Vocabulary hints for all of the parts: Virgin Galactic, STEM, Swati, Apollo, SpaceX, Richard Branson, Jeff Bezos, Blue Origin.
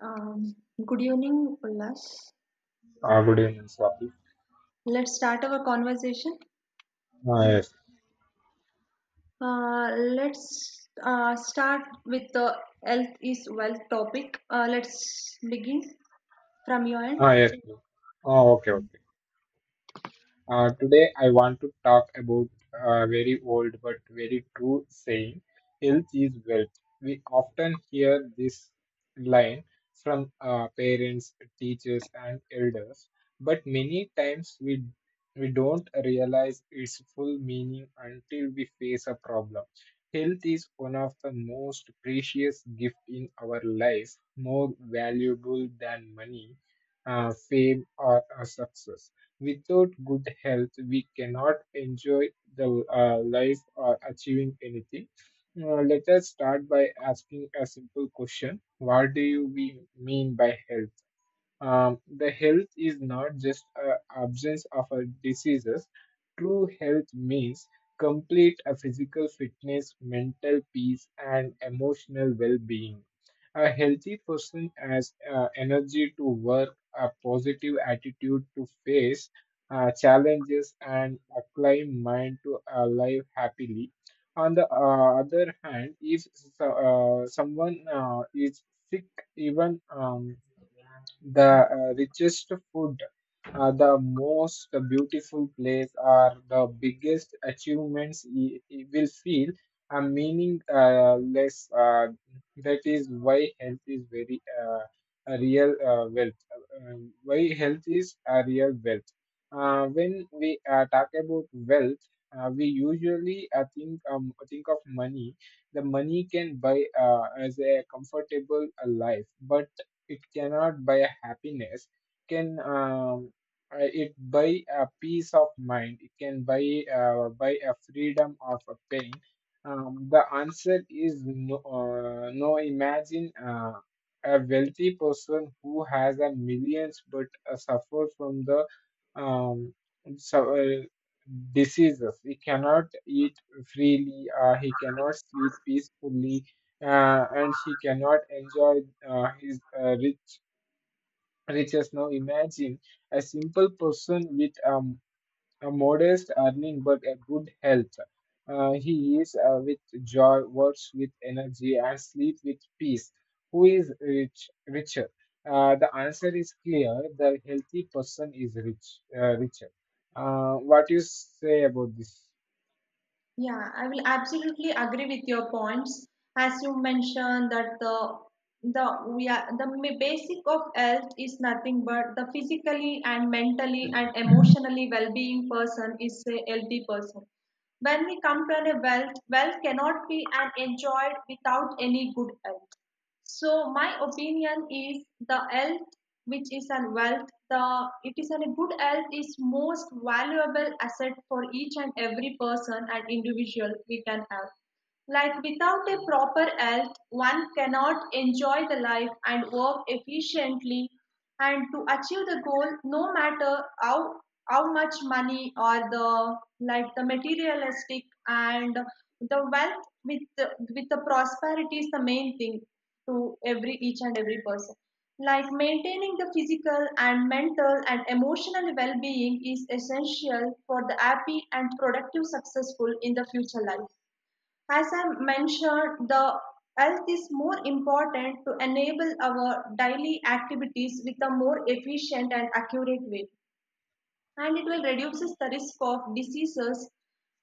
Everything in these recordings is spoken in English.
Um, good evening, Ullas. Good evening, Swati. Let's start our conversation. Ah, yes. Uh, let's start with the health is wealth topic. Let's begin from your end. Ah, yes. Ah, okay, okay. Today, I want to talk about a very old but very true saying health is wealth. We often hear this line from parents, teachers, and elders, but many times we don't realize its full meaning until we face a problem. Health is one of the most precious gift in our life, more valuable than money, fame, or success. Without good health, we cannot enjoy the life or achieving anything. Let us start by asking a simple question: What do you we mean by health? The health is not just a absence of a diseases. True health means complete a physical fitness, mental peace, and emotional well-being. A healthy person has energy to work, a positive attitude to face challenges, and a calm mind to live happily. On the other hand, if someone is sick, even the richest food, the most beautiful place, or the biggest achievements, will feel a meaning less. That is why health is very a real wealth. Why health is a real wealth. When we talk about wealth, we usually think of money. The money can buy as a comfortable life, but it cannot buy a happiness. Can it buy a peace of mind? It can buy buy a freedom of a pain? The answer is no. No, imagine a wealthy person who has a millions but suffer from the um, so, uh, diseases. He cannot eat freely, he cannot sleep peacefully, and he cannot enjoy his riches. Now imagine a simple person with a modest earning but a good health. He eats with joy, works with energy, and sleeps with peace. Who is richer? The answer is clear. The healthy person is richer. What you say about this? Yeah, I will absolutely agree with your points. As you mentioned that the we are the basic of health is nothing but the physically and mentally and emotionally well-being person is a healthy person. When we come to a wealth, wealth cannot be and enjoyed without any good health. So my opinion is the health, which is an wealth, the it is an, a good health is most valuable asset for each and every person and individual we can have. Like without a proper health, one cannot enjoy the life and work efficiently and to achieve the goal no matter how much money or the like the materialistic and the wealth with the prosperity is the main thing to every each and every person like maintaining the physical and mental and emotional well-being is essential for the happy and productive successful in the future life as I mentioned, the health is more important to enable our daily activities with a more efficient and accurate way. And it will reduces the risk of diseases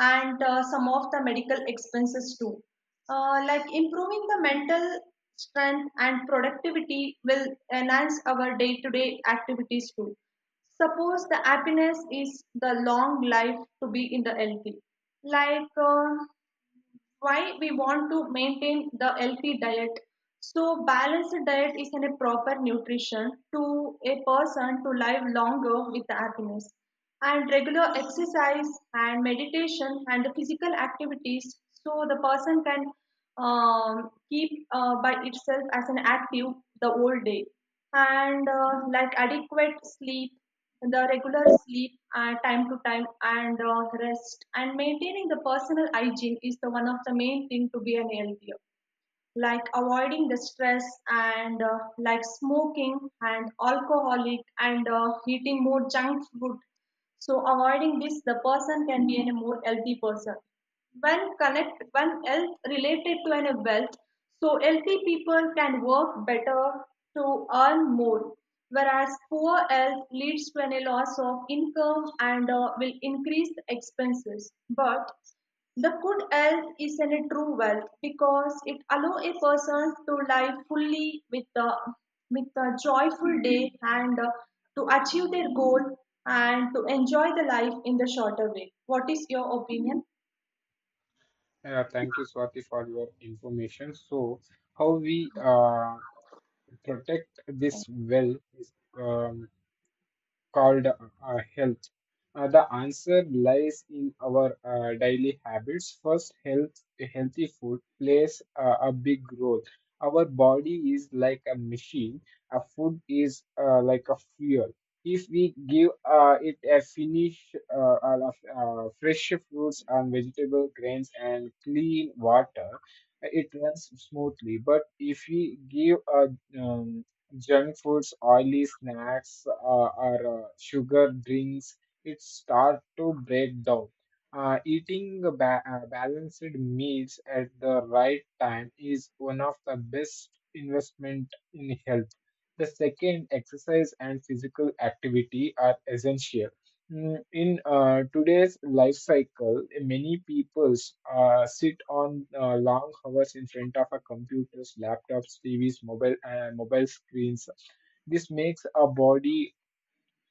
and some of the medical expenses too. Like improving the mental strength and productivity will enhance our day-to-day activities too. Suppose the happiness is the long life to be in the healthy. Like why we want to maintain the healthy diet, so balanced diet is in a proper nutrition to a person to live longer with happiness and regular exercise and meditation and the physical activities so the person can keep by itself as an active the whole day and like adequate sleep, the regular sleep time to time and rest and maintaining the personal hygiene is the one of the main thing to be an healthier, like avoiding the stress and like smoking and alcoholic and eating more junk food. So avoiding this the person can be in a more healthy person. When health related to an wealth, so healthy people can work better to earn more, whereas poor health leads to a loss of income and will increase the expenses, but the good health is a true wealth because it allows a person to live fully with a joyful day and to achieve their goal and to enjoy the life in the shorter way. What is your opinion? Thank you, Swati, for your information. So, how we protect this well is um, called health. The answer lies in our daily habits. First, healthy food plays a big role. Our body is like a machine. A food is like a fuel. If we give it a fresh fruits and vegetable grains and clean water, it runs smoothly. But if we give a junk foods, oily snacks, or sugar drinks, it start to break down. Eating balanced meals at the right time is one of the best investment in health. The second, exercise and physical activity are essential. In today's life cycle, many people sit on long hours in front of a computers, laptops, TVs, mobile screens. This makes a body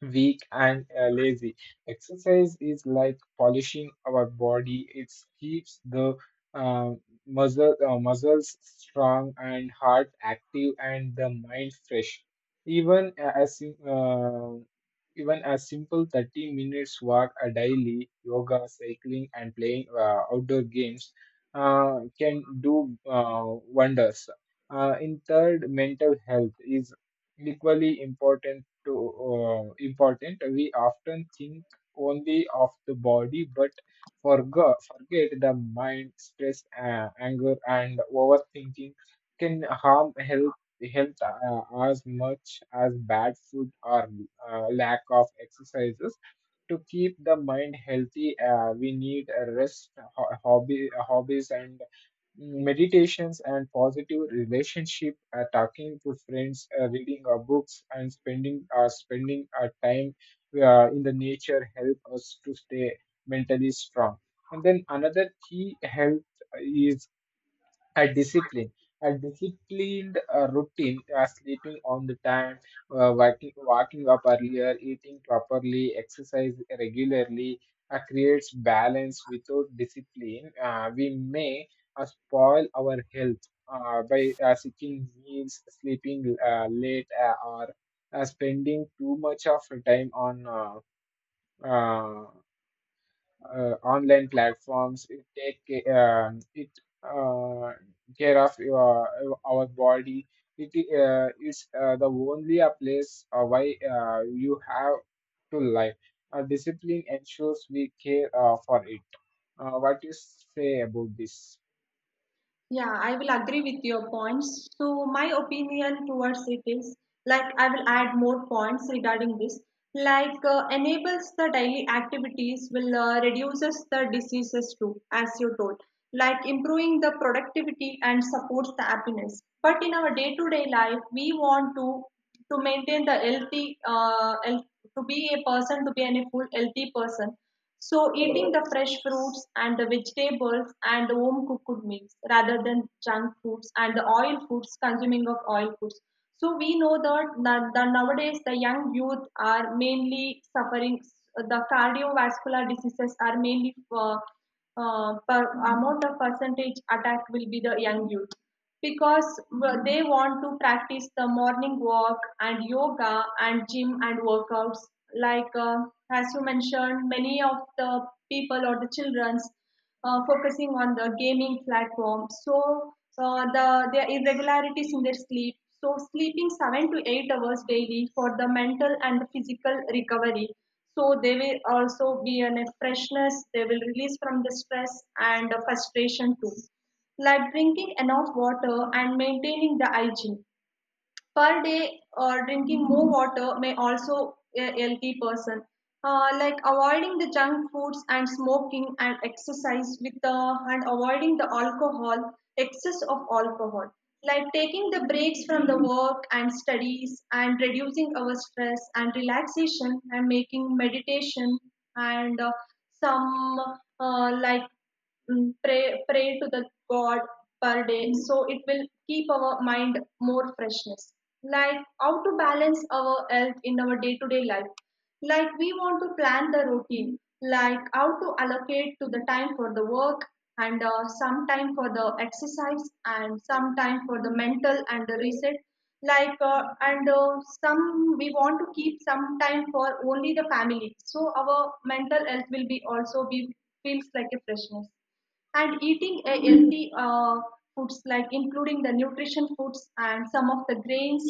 weak and lazy. Exercise is like polishing our body. It keeps the uh, muscles strong and heart active and the mind fresh. Even a- as sim- uh, even a simple 30 minutes walk a daily, yoga, cycling, and playing outdoor games can do wonders. In third, mental health is equally to important. We often think only of the body but forget the mind, stress, anger, and overthinking can harm health as much as bad food or lack of exercises. To keep the mind healthy, we need a rest, hobby, hobbies, and meditations and positive relationship. Talking to friends, reading our books, and spending our time in the nature help us to stay mentally strong. And then another key health is a discipline a disciplined routine, sleeping on the time, waking up earlier, eating properly, exercise regularly, creates balance. Without discipline, we may spoil our health by seeking meals, sleeping late, or spending too much of time on uh, online platforms. It take ca- it uh, care of our body. It is the only a place why you have to live. Discipline ensures we care for it. What you say about this? Yeah, I will agree with your points. So, my opinion towards it is like I will add more points regarding this. Like enables the daily activities will reduces the diseases too, as you told. Like improving the productivity and supports the happiness. But in our day-to-day life, we want to maintain the healthy, health, to be a person, to be an full healthy person. So eating the fresh fruits and the vegetables and the home cooked meals rather than junk foods and the oil foods, consuming of oil foods. So we know that, the nowadays the young youth are mainly suffering the cardiovascular diseases are mainly per amount of percentage attack will be the young youth because they want to practice the morning walk and yoga and gym and workouts, like as you mentioned many of the people or the children's focusing on the gaming platform, so the their irregularities in their sleep, so sleeping 7 to 8 hours daily for the mental and the physical recovery, so they will also be in a freshness, they will release from the stress and the frustration too. Like drinking enough water and maintaining the hygiene per day, drinking more water may also a healthy person, like avoiding the junk foods and smoking and exercise with the and avoiding the alcohol, excess of alcohol, like taking the breaks from the work and studies and reducing our stress and relaxation and making meditation and some like pray to the god per day. Mm. So it will keep our mind more freshness. Like how to balance our health in our day to day life, like we want to plan the routine, like how to allocate to the time for the work and some time for the exercise and some time for the mental and the reset, like and some we want to keep some time for only the family, so our mental health will be also be feels like a freshness. And eating a healthy foods like including the nutrition foods and some of the grains,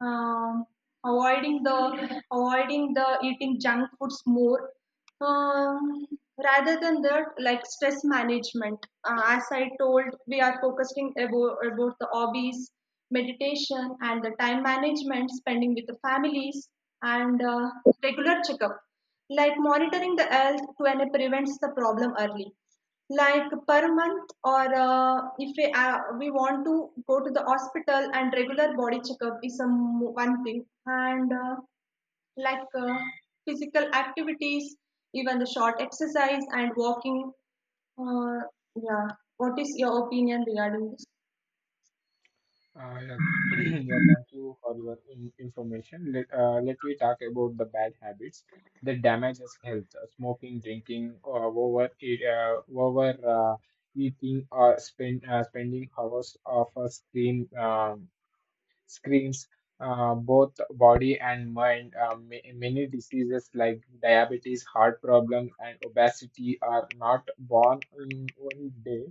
um, avoiding the eating junk foods more, um, rather than that, like stress management. As I told, we are focusing about the hobbies, meditation and the time management, spending with the families and regular checkup, like monitoring the health to and prevents the problem early, like per month or if we, we want to go to the hospital and regular body checkup is some one thing and like physical activities, even the short exercise and walking. uh, yeah, what is your opinion regarding this? Yeah. Yeah, thank you for your information. Let me talk about the bad habits that damages health. Smoking, drinking, or over eating, or spending hours of a screen. Screens both body and mind. Many diseases like diabetes, heart problems, and obesity are not born in one day.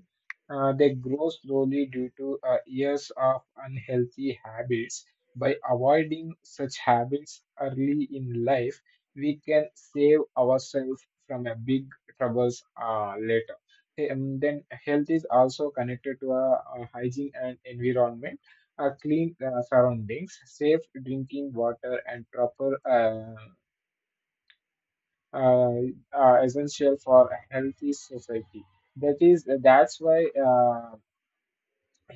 They grow slowly due to years of unhealthy habits. By avoiding such habits early in life, we can save ourselves from a big troubles later. Hey, then health is also connected to hygiene and environment, clean surroundings, safe drinking water, and proper, essential for a healthy society. That's why.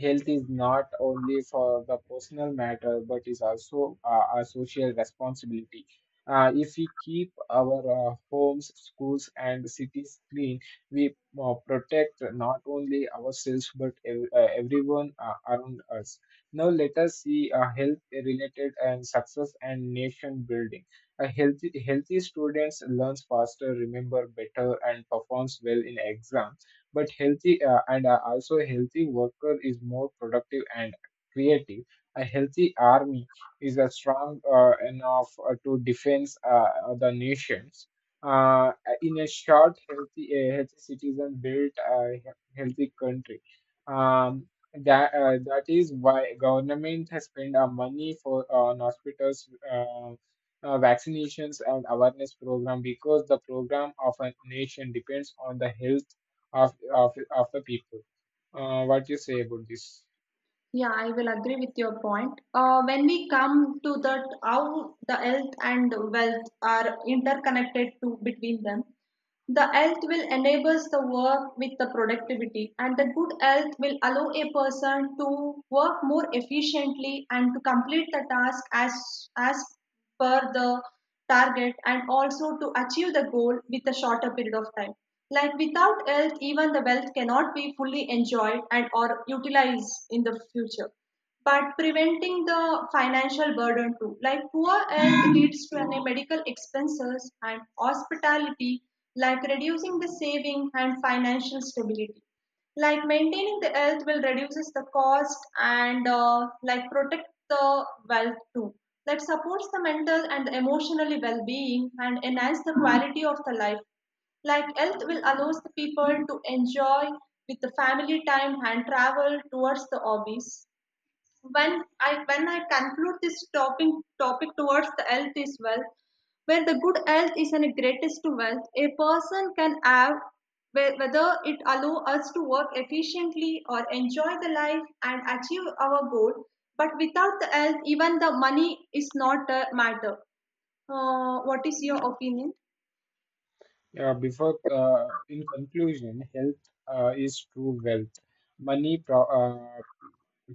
Health is not only for the personal matter but is also a social responsibility. If we keep our homes, schools, and cities clean, we protect not only ourselves but everyone around us. Now let us see health related and success and nation building. A healthy students learns faster, remember better, and performs well in exam. But healthy and also a healthy worker is more productive and creative. A healthy army is a strong enough to defend the nations. uh, in a short, healthy a healthy citizen built a healthy country. Um, that uh, that is why government has spent our money for on hospitals, vaccinations, and awareness program because the program of a nation depends on the health of the people. What you say about this? Yeah, I will agree with your point. When we come to that how the health and wealth are interconnected to between them, the health will enables the work with the productivity, and the good health will allow a person to work more efficiently and to complete the task as per the target, and also to achieve the goal with a shorter period of time. Like without health, even the wealth cannot be fully enjoyed and or utilized in the future, but preventing the financial burden too, like poor health leads to any medical expenses and hospitality, like reducing the saving and financial stability, like maintaining the health will reduces the cost and like protect the wealth too, that supports the mental and emotionally well-being and enhance the quality of the life, like health will allows the people to enjoy with the family time and travel towards the hobbies. When I conclude this topic, towards the health is wealth, where the good health is the greatest to wealth a person can have, whether it allow us to work efficiently or enjoy the life and achieve our goal. But without the health, even the money is not a matter. What is your opinion? Yeah, before in conclusion, health is true wealth. Money,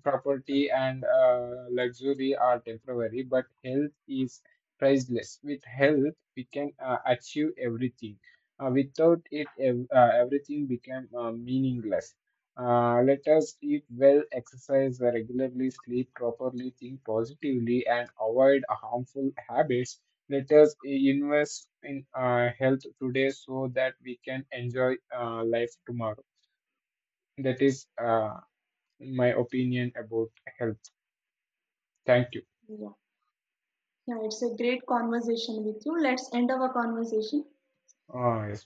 property, and luxury are temporary, but health is priceless. With health, we can achieve everything. Without it, everything become meaningless. Let us eat well, exercise regularly, sleep properly, think positively, and avoid harmful habits. Let us invest in health today so that we can enjoy life tomorrow. That is my opinion about health. Thank you. Yeah, yeah, it's a great conversation with you. Let's end our conversation. Ah, yes.